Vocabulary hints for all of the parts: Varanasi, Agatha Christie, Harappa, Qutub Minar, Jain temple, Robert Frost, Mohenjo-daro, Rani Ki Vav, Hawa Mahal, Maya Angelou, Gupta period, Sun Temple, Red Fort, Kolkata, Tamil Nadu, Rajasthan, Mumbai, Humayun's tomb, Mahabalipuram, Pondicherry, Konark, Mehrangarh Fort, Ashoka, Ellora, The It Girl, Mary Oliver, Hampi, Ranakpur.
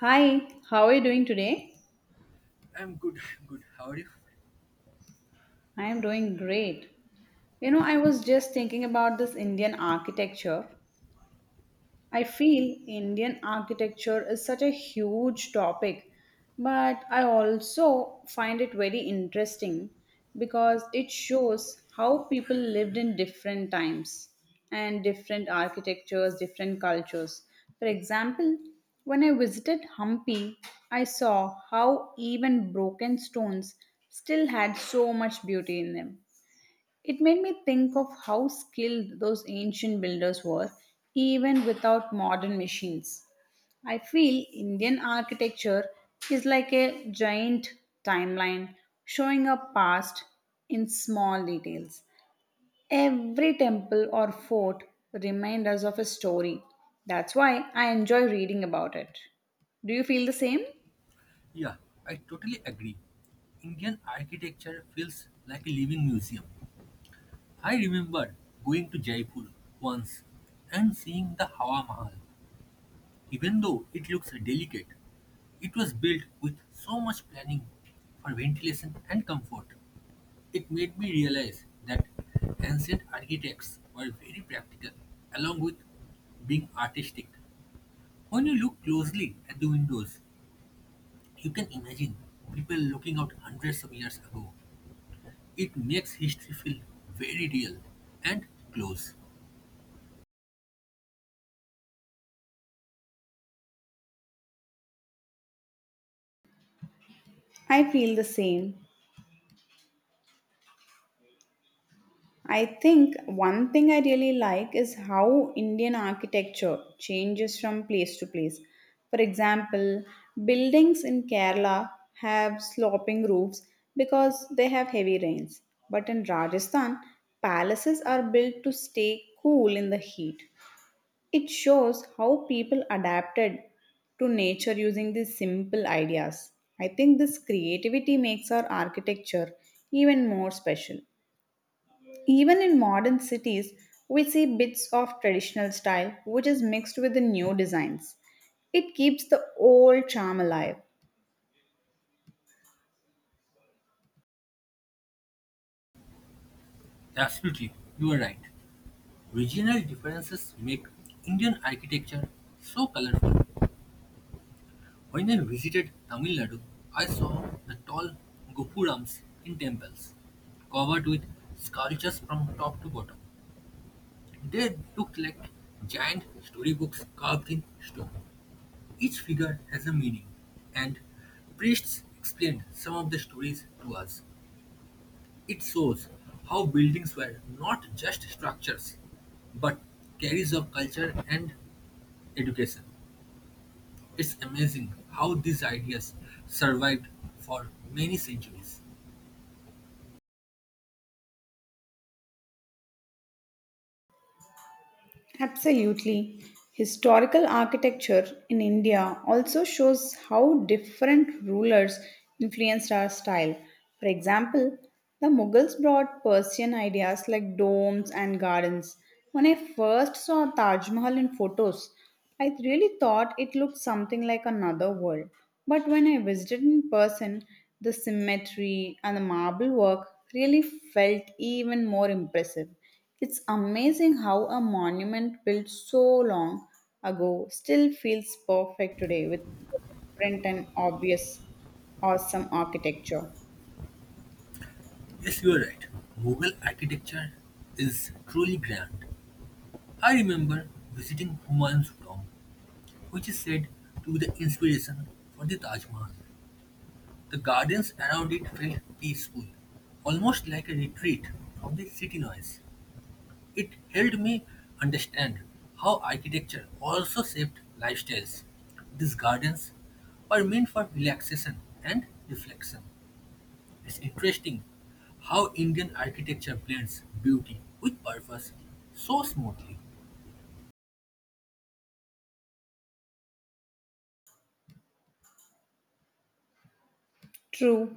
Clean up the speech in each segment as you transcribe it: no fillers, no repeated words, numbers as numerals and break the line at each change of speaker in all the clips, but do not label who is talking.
Hi, how are you doing today?
I'm good, good. How are you?
I am doing great. You know, I was just thinking about this Indian architecture. I feel Indian architecture is such a huge topic, but I also find it very interesting because it shows how people lived in different times and different architectures, different cultures. For example, when I visited Hampi, I saw how even broken stones still had so much beauty in them. It made me think of how skilled those ancient builders were, even without modern machines. I feel Indian architecture is like a giant timeline showing our past in small details. Every temple or fort reminds us of a story. That's why I enjoy reading about it. Do you feel the same?
Yeah, I totally agree. Indian architecture feels like a living museum. I remember going to Jaipur once and seeing the Hawa Mahal. Even though it looks delicate, it was built with so much planning for ventilation and comfort. It made me realize that ancient architects were very practical, along with being artistic. When you look closely at the windows, you can imagine people looking out hundreds of years ago. It makes history feel very real and close.
I feel the same. I think one thing I really like is how Indian architecture changes from place to place. For example, buildings in Kerala have sloping roofs because they have heavy rains. But in Rajasthan, palaces are built to stay cool in the heat. It shows how people adapted to nature using these simple ideas. I think this creativity makes our architecture even more special. Even in modern cities, we see bits of traditional style which is mixed with the new designs. It keeps the old charm alive.
Absolutely, you are right. Regional differences make Indian architecture so colorful. When I visited Tamil Nadu, I saw the tall gopurams in temples, covered with sculptures from top to bottom. They looked like giant storybooks carved in stone. Each figure has a meaning, and priests explained some of the stories to us. It shows how buildings were not just structures, but carriers of culture and education. It's amazing how these ideas survived for many centuries.
Absolutely. Historical architecture in India also shows how different rulers influenced our style. For example, the Mughals brought Persian ideas like domes and gardens. When I first saw Taj Mahal in photos, I really thought it looked something like another world. But when I visited in person, the symmetry and the marble work really felt even more impressive. It's amazing how a monument built so long ago still feels perfect today with different and obvious awesome architecture.
Yes, you are right. Mughal architecture is truly grand. I remember visiting Humayun's tomb, which is said to be the inspiration for the Taj Mahal. The gardens around it felt peaceful, almost like a retreat from the city noise. It helped me understand how architecture also shaped lifestyles. These gardens were meant for relaxation and reflection. It's interesting how Indian architecture blends beauty with purpose so smoothly.
True,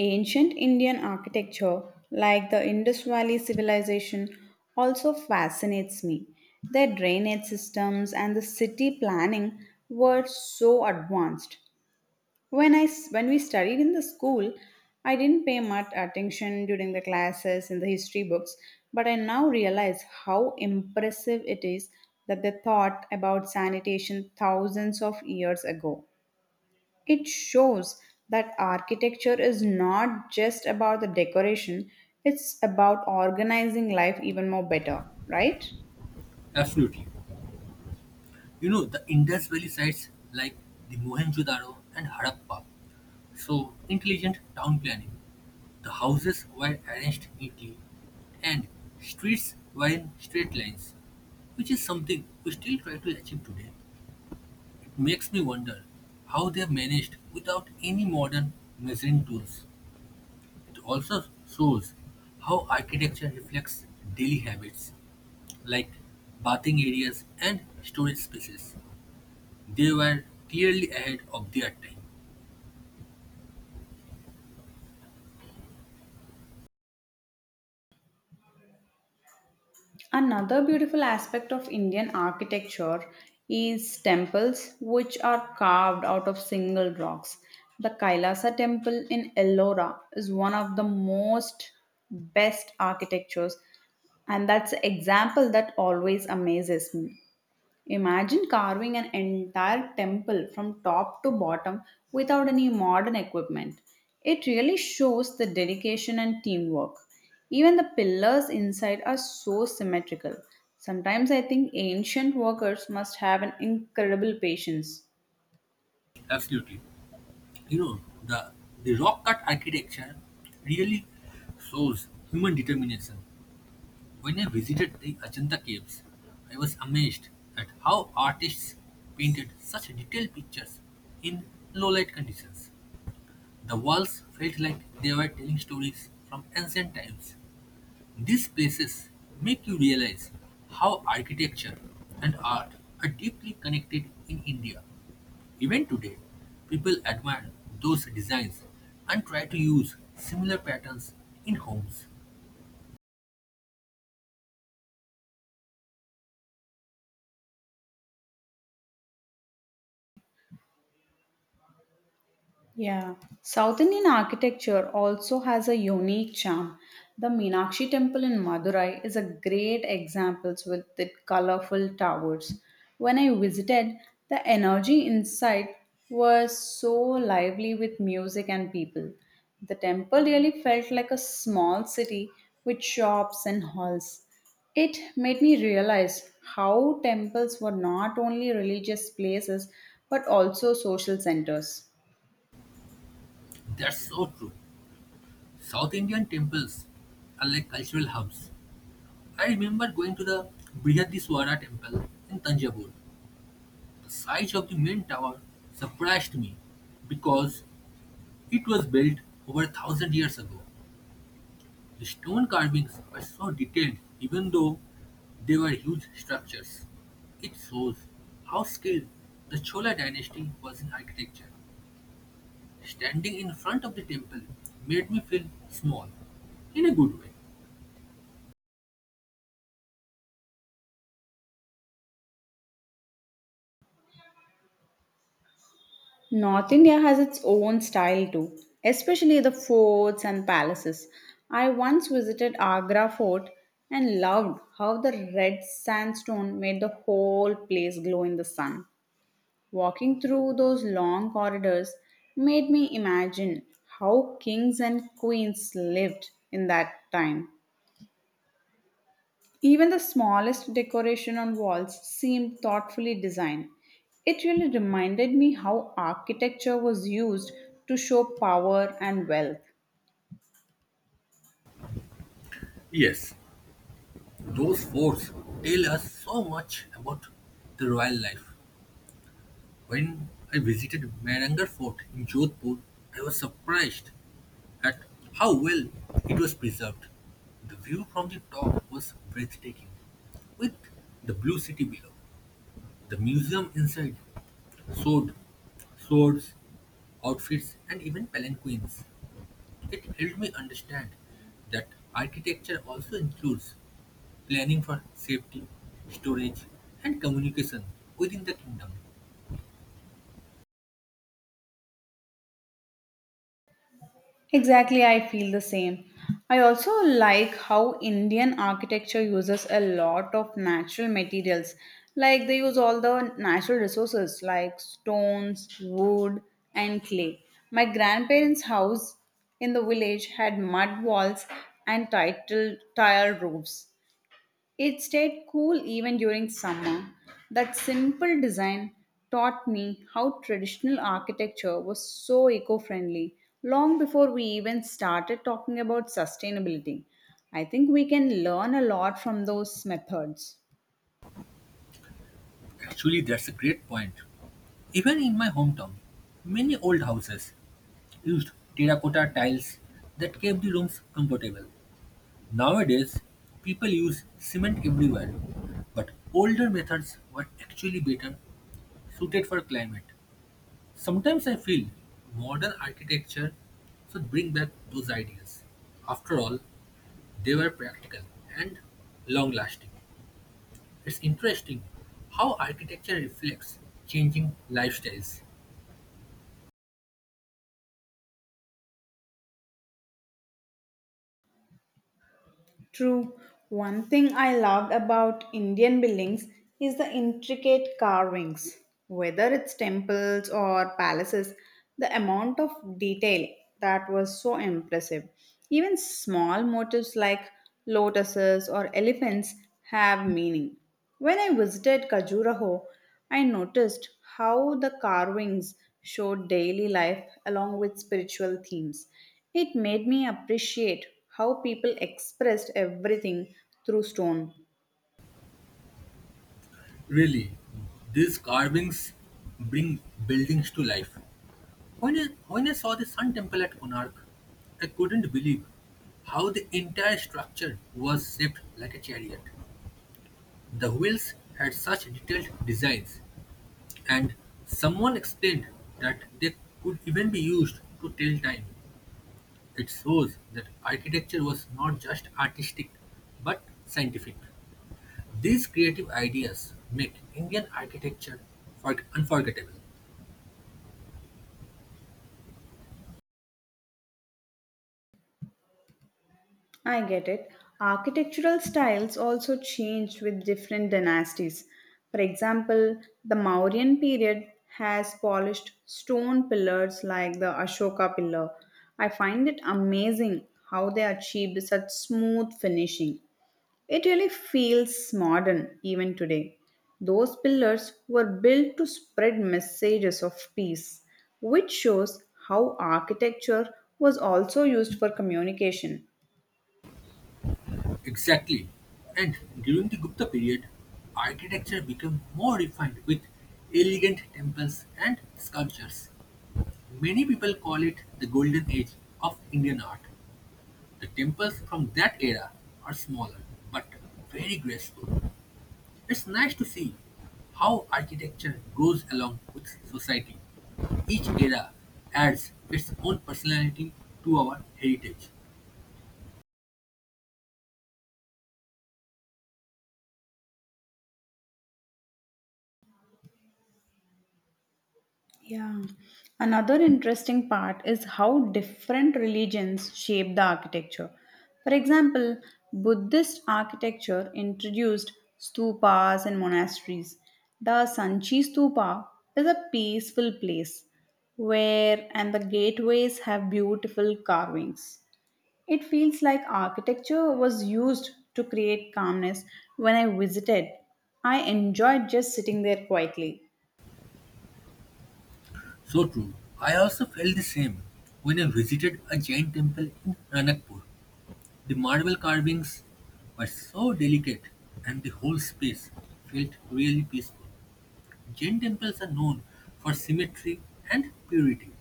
ancient Indian architecture, like the Indus Valley civilization, also fascinates me. Their drainage systems and the city planning were so advanced. When we studied in the school, I didn't pay much attention during the classes in the history books, but I now realize how impressive it is that they thought about sanitation thousands of years ago. It shows that architecture is not just about the decoration, it's about organizing life even more better, right?
Absolutely. You know, the Indus Valley sites like the Mohenjo-daro and Harappa show intelligent town planning. The houses were arranged neatly and streets were in straight lines, which is something we still try to achieve today. It makes me wonder how they managed without any modern measuring tools. It also shows how architecture reflects daily habits like bathing areas and storage spaces. They were clearly ahead of their time.
Another beautiful aspect of Indian architecture is temples which are carved out of single rocks. The Kailasa temple in Ellora is one of the most best architectures and that's an example that always amazes me. Imagine carving an entire temple from top to bottom without any modern equipment. It really shows the dedication and teamwork. Even the pillars inside are so symmetrical. Sometimes I think ancient workers must have an incredible patience.
Absolutely. You know, the rock cut architecture really shows human determination. When I visited the Ajanta caves, I was amazed at how artists painted such detailed pictures in low light conditions. The walls felt like they were telling stories from ancient times. These places make you realize how architecture and art are deeply connected in India. Even today, people admire those designs and try to use similar patterns in homes.
Yeah, South Indian architecture also has a unique charm. The Meenakshi Temple in Madurai is a great example with its colorful towers. When I visited, the energy inside was so lively with music and people. The temple really felt like a small city with shops and halls. It made me realize how temples were not only religious places but also social centers.
That's so true. South Indian temples are like cultural hubs. I remember going to the Brihadiswara temple in Tanjavur. The size of the main tower surprised me because it was built over a thousand years ago. The stone carvings were so detailed even though they were huge structures. It shows how skilled the Chola dynasty was in architecture. Standing in front of the temple made me feel small, in a good way.
North India has its own style too, especially the forts and palaces. I once visited Agra fort and loved how the red sandstone made the whole place glow in the sun. Walking through those long corridors made me imagine how kings and queens lived in that time. Even the smallest decoration on walls seemed thoughtfully designed. It really reminded me how architecture was used to show power and wealth.
Yes, those forts tell us so much about the royal life. When I visited Mehrangarh Fort in Jodhpur, I was surprised at how well it was preserved. The view from the top was breathtaking, with the blue city below. The museum inside showed swords, outfits, and even palanquins. It helped me understand that architecture also includes planning for safety, storage, and communication within the kingdom.
Exactly, I feel the same. I also like how Indian architecture uses a lot of natural materials. Like they use all the natural resources like stones, wood, and clay. My grandparents' house in the village had mud walls and title tile roofs. It stayed cool even during summer. That simple design taught me how traditional architecture was so eco friendly long before we even started talking about sustainability. I think we can learn a lot from those methods.
Actually, that's a great point. Even in my hometown, many old houses used terracotta tiles that kept the rooms comfortable. Nowadays, people use cement everywhere, but older methods were actually better suited for climate. Sometimes I feel modern architecture should bring back those ideas. After all, they were practical and long lasting. It's interesting how architecture reflects changing lifestyles.
True. One thing I loved about Indian buildings is the intricate carvings. Whether it's temples or palaces, the amount of detail that was so impressive. Even small motifs like lotuses or elephants have meaning. When I visited Khajuraho, I noticed how the carvings showed daily life along with spiritual themes. It made me appreciate how people expressed everything through stone.
Really, these carvings bring buildings to life. When I saw the Sun Temple at Konark, I couldn't believe how the entire structure was shaped like a chariot. The wheels had such detailed designs, and someone explained that they could even be used to tell time. It shows that architecture was not just artistic but scientific. These creative ideas make Indian architecture unforgettable.
I get it. Architectural styles also changed with different dynasties. For example, the Mauryan period has polished stone pillars like the Ashoka pillar. I find it amazing how they achieved such smooth finishing. It really feels modern even today. Those pillars were built to spread messages of peace, which shows how architecture was also used for communication.
Exactly, and during the Gupta period, architecture became more refined with elegant temples and sculptures. Many people call it the golden age of Indian art. The temples from that era are smaller but very graceful. It's nice to see how architecture goes along with society. Each era adds its own personality to our heritage.
Yeah. Another interesting part is how different religions shape the architecture. For example, Buddhist architecture introduced stupas and monasteries. The Sanchi Stupa is a peaceful place where and the gateways have beautiful carvings. It feels like architecture was used to create calmness when I visited. I enjoyed just sitting there quietly.
So true. I also felt the same when I visited a Jain temple in Ranakpur. The marble carvings were so delicate and the whole space felt really peaceful. Jain temples are known for symmetry and purity,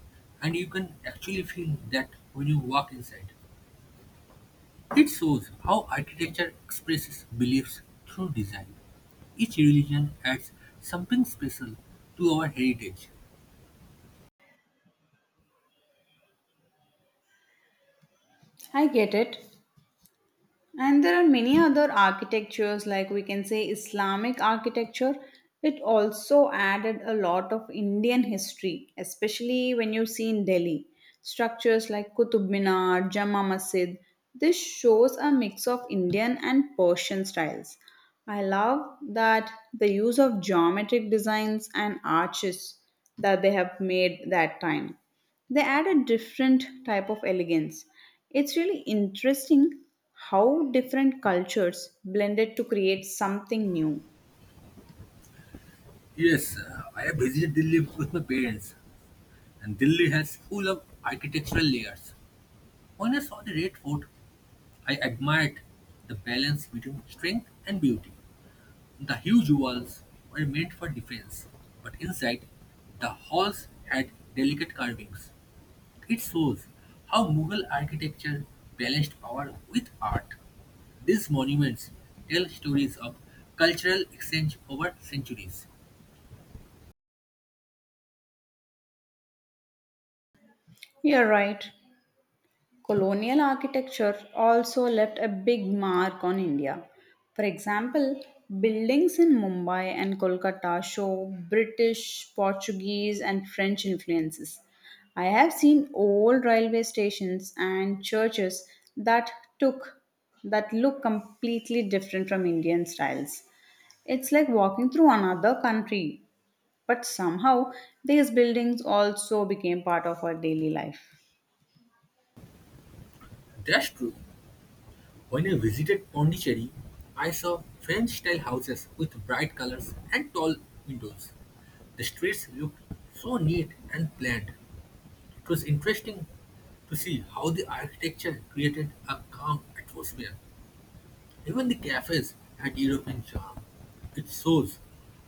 and you can actually feel that when you walk inside. It shows how architecture expresses beliefs through design. Each religion adds something special to our heritage.
I get it. And there are many other architectures, like we can say Islamic architecture. It also added a lot of Indian history, especially when you see in Delhi. Structures like Qutub Minar, Jama Masjid. This shows a mix of Indian and Persian styles. I love that the use of geometric designs and arches that they have made that time. They add a different type of elegance. It's really interesting how different cultures blended to create something new.
Yes, I have visited Delhi with my parents, and Delhi has full of architectural layers. When I saw the Red Fort, I admired the balance between strength and beauty. The huge walls were meant for defense, but inside, the halls had delicate carvings. It shows how Mughal architecture balanced power with art. These monuments tell stories of cultural exchange over centuries.
You're right. Colonial architecture also left a big mark on India. For example, buildings in Mumbai and Kolkata show British, Portuguese, and French influences. I have seen old railway stations and churches that took that look completely different from Indian styles. It's like walking through another country, but somehow these buildings also became part of our daily life.
That's true. When I visited Pondicherry, I saw French-style houses with bright colors and tall windows. The streets looked so neat and planned. It was interesting to see how the architecture created a calm atmosphere. Even the cafes had European charm. It shows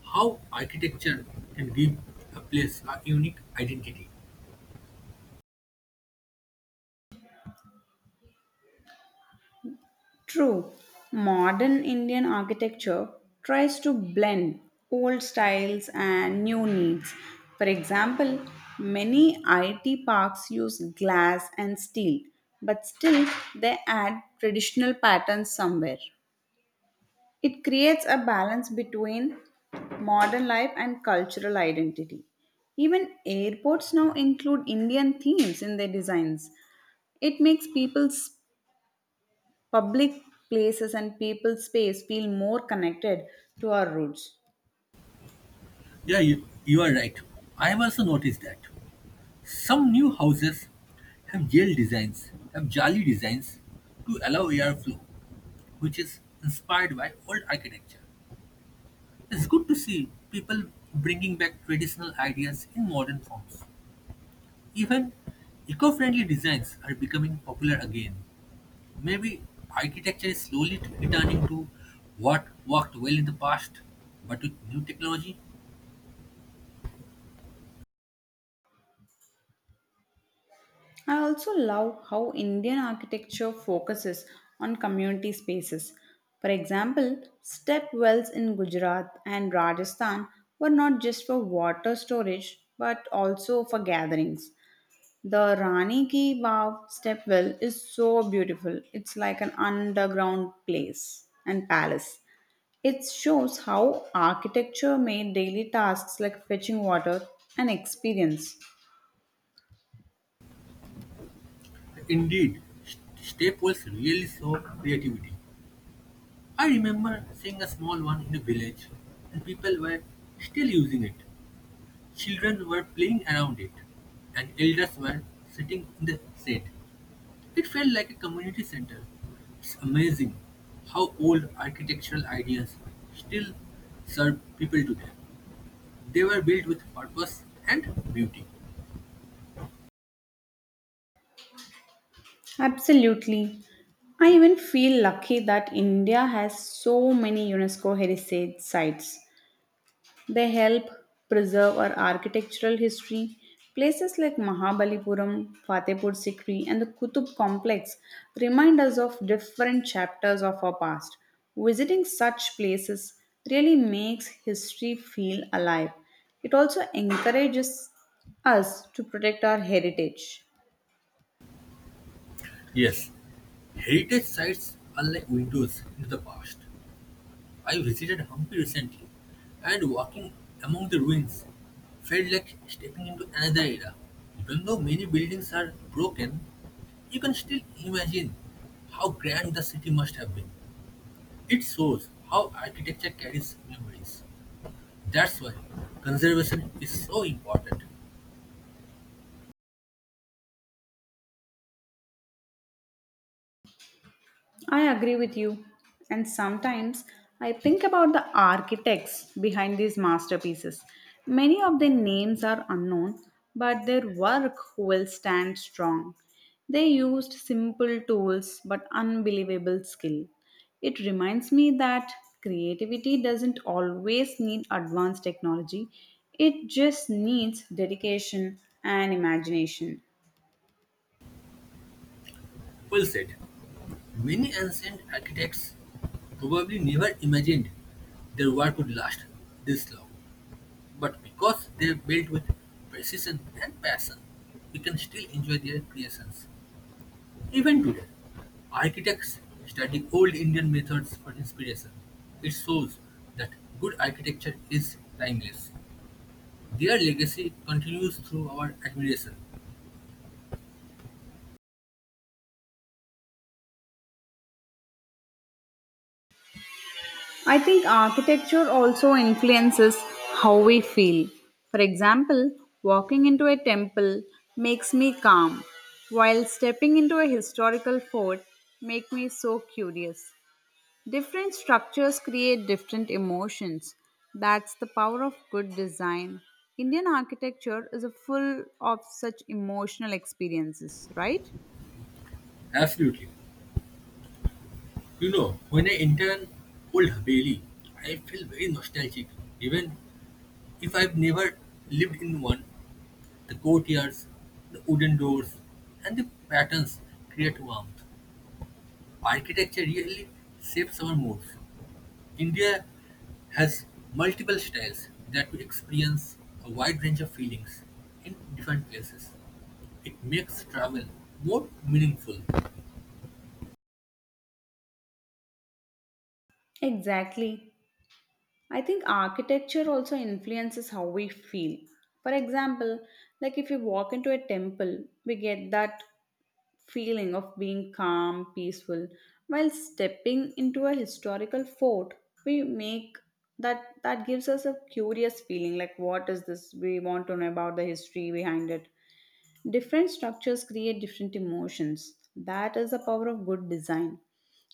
how architecture can give a place a unique identity.
True, modern Indian architecture tries to blend old styles and new needs. For example, many IT parks use glass and steel, but still they add traditional patterns somewhere. It creates a balance between modern life and cultural identity. Even airports now include Indian themes in their designs. It makes people's public places and people's space feel more connected to our roots.
Yeah, you are right. I have also noticed that. Some new houses have jali designs to allow airflow, which is inspired by old architecture. It's good to see people bringing back traditional ideas in modern forms. Even eco-friendly designs are becoming popular again. Maybe architecture is slowly returning to what worked well in the past, but with new technology.
I also love how Indian architecture focuses on community spaces. For example, step wells in Gujarat and Rajasthan were not just for water storage but also for gatherings. The Rani Ki Vav stepwell is so beautiful. It's like an underground place and palace. It shows how architecture made daily tasks like fetching water an experience.
Indeed, step wells really show creativity. I remember seeing a small one in a village, and people were still using it. Children were playing around it, and elders were sitting in the shade. It felt like a community center. It's amazing how old architectural ideas still serve people today. They were built with purpose and beauty.
Absolutely. I even feel lucky that India has so many UNESCO heritage sites. They help preserve our architectural history. Places like Mahabalipuram, Fatehpur Sikri, and the Qutub complex remind us of different chapters of our past. Visiting such places really makes history feel alive. It also encourages us to protect our heritage.
Yes, heritage sites are like windows into the past. I visited Hampi recently, and walking among the ruins felt like stepping into another era. Even though many buildings are broken, you can still imagine how grand the city must have been. It shows how architecture carries memories. That's why conservation is so important.
I agree with you. And sometimes I think about the architects behind these masterpieces. Many of their names are unknown, but their work will stand strong. They used simple tools but unbelievable skill. It reminds me that creativity doesn't always need advanced technology, it just needs dedication and imagination.
Well said. Many ancient architects probably never imagined their work would last this long. But because they built with precision and passion, we can still enjoy their creations. Even today, architects study old Indian methods for inspiration. It shows that good architecture is timeless. Their legacy continues through our admiration.
I think architecture also influences how we feel. For example, walking into a temple makes me calm, while stepping into a historical fort make me so curious. Different structures create different emotions. That's the power of good design. Indian architecture is a full of such emotional experiences, right?
Absolutely. You know, when I enter an old Haveli, I feel very nostalgic, even if I've never lived in one. The courtyards, the wooden doors, and the patterns create warmth. Architecture really shapes our moods. India has multiple styles that we experience a wide range of feelings in different places. It makes travel more meaningful.
Exactly. I think architecture also influences how we feel. For example, like if we walk into a temple, we get that feeling of being calm, peaceful. While stepping into a historical fort, we make that gives us a curious feeling like what is this? We want to know about the history behind it. Different structures create different emotions. That is the power of good design.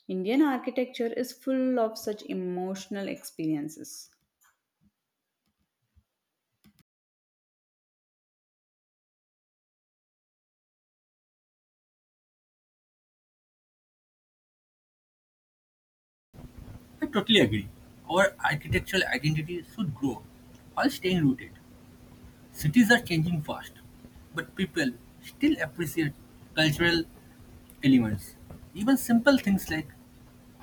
Indian architecture is full of such emotional experiences.
I totally agree. Our architectural identity should grow while staying rooted. Cities are changing fast, but people still appreciate cultural elements. Even simple things like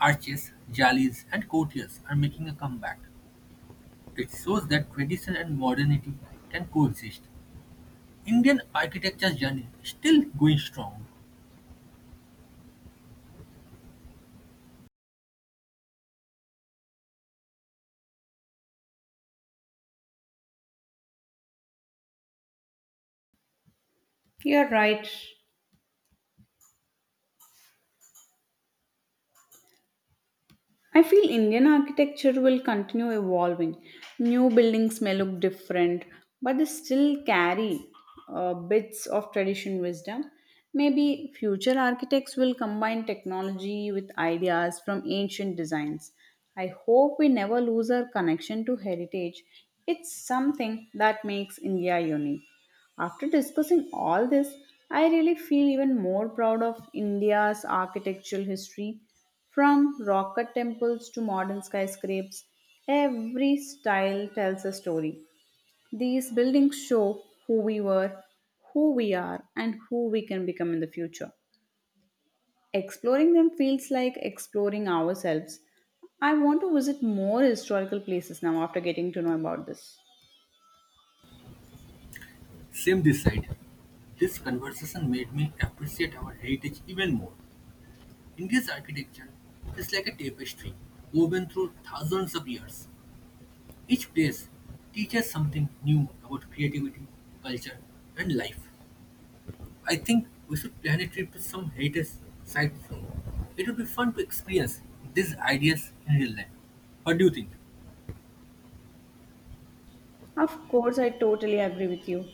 arches, jalis, and courtiers are making a comeback. It shows that tradition and modernity can coexist. Indian architecture journey is still going strong.
You're right. I feel Indian architecture will continue evolving. New buildings may look different, but they still carry bits of tradition wisdom. Maybe future architects will combine technology with ideas from ancient designs. I hope we never lose our connection to heritage. It's something that makes India unique. After discussing all this, I really feel even more proud of India's architectural history. From rock cut temples to modern skyscrapers, every style tells a story. These buildings show who we were, who we are, and who we can become in the future. Exploring them feels like exploring ourselves. I want to visit more historical places now after getting to know about this.
Same this side. This conversation made me appreciate our heritage even more. India's architecture is like a tapestry woven through thousands of years. Each place teaches something new about creativity, culture, and life. I think we should plan a trip to some heritage site soon. It would be fun to experience these ideas in real life. What do you think?
Of course, I totally agree with you.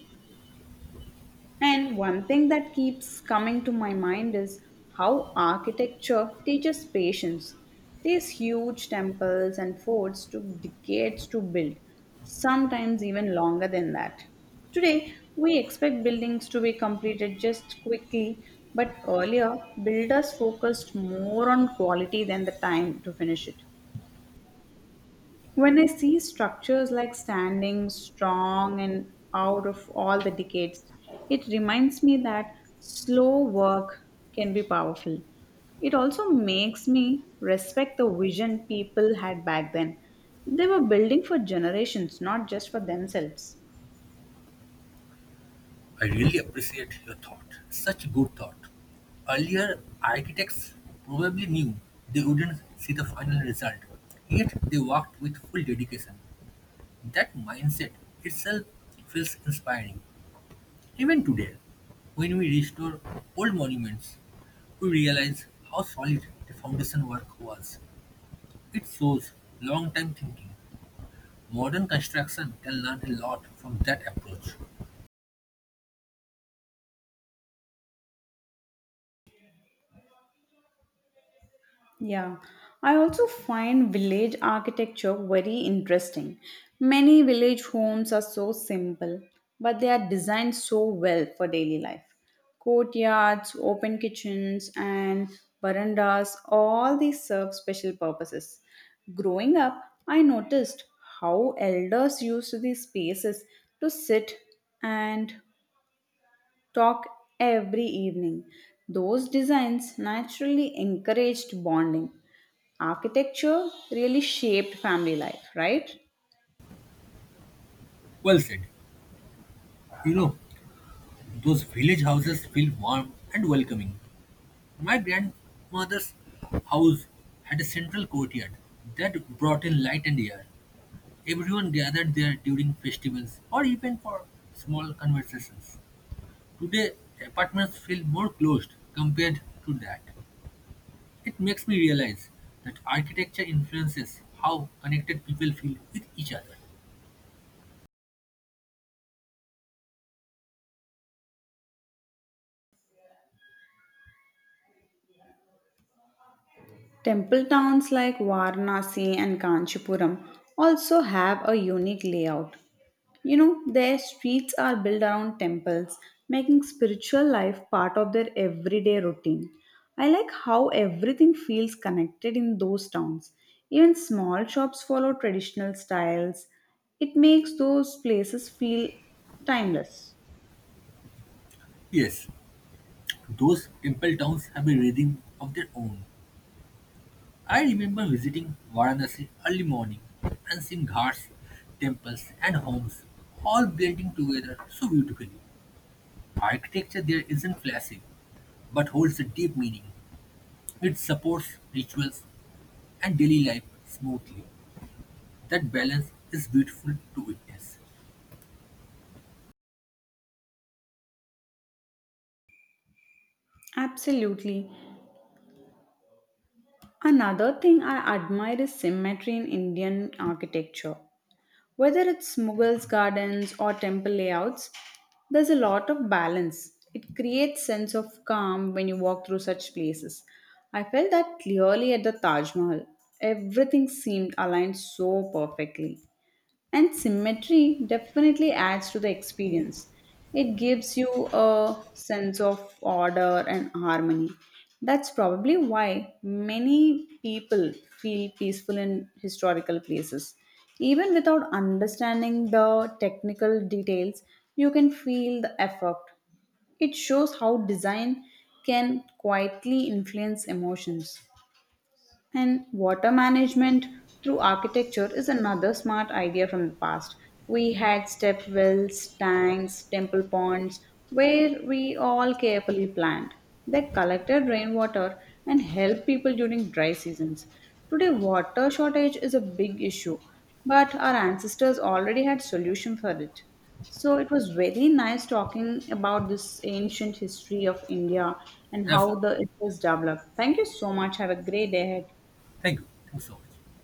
And one thing that keeps coming to my mind is how architecture teaches patience. These huge temples and forts took decades to build, sometimes even longer than that. Today, we expect buildings to be completed just quickly, but earlier, builders focused more on quality than the time to finish it. When I see structures like standing strong and out of all the decades, it reminds me that slow work can be powerful. It also makes me respect the vision people had back then. They were building for generations, not just for themselves.
I really appreciate your thought. Such good thought. Earlier, architects probably knew they wouldn't see the final result, yet they worked with full dedication. That mindset itself feels inspiring. Even today, when we restore old monuments, we realize how solid the foundation work was. It shows long time thinking. Modern construction can learn a lot from that approach.
Yeah, I also find village architecture very interesting. Many village homes are so simple, but they are designed so well for daily life. Courtyards, open kitchens, and verandas all these serve special purposes. Growing up, I noticed how elders used these spaces to sit and talk every evening. Those designs naturally encouraged bonding. Architecture really shaped family life, right?
Well said. You know, those village houses feel warm and welcoming. My grandmother's house had a central courtyard that brought in light and air. Everyone gathered there during festivals or even for small conversations. Today apartments feel more closed compared to that. It makes me realize that architecture influences how connected people feel with each other.
Temple towns like Varanasi and Kanchipuram also have a unique layout. You know, their streets are built around temples, making spiritual life part of their everyday routine. I like how everything feels connected in those towns. Even small shops follow traditional styles. It makes those places feel timeless.
Yes, those temple towns have a rhythm of their own. I remember visiting Varanasi early morning and seeing ghats, temples, and homes all blending together so beautifully. Architecture there isn't flashy but holds a deep meaning. It supports rituals and daily life smoothly. That balance is beautiful to witness.
Absolutely. Another thing I admire is symmetry in Indian architecture. Whether it's Mughals gardens or temple layouts, there's a lot of balance. It creates sense of calm when you walk through such places. I felt that clearly at the Taj Mahal. Everything seemed aligned so perfectly. And symmetry definitely adds to the experience. It gives you a sense of order and harmony. That's probably why many people feel peaceful in historical places. Even without understanding the technical details, you can feel the effect. It shows how design can quietly influence emotions. And water management through architecture is another smart idea from the past. We had step wells, tanks, temple ponds, where we all carefully planned. They collected rainwater and helped people during dry seasons. Today, water shortage is a big issue, but our ancestors already had solution for it. So it was very nice talking about this ancient history of India and how
Absolutely.
the it was developed. Thank you so much. Have a great day ahead.
Thank you. Thanks so much.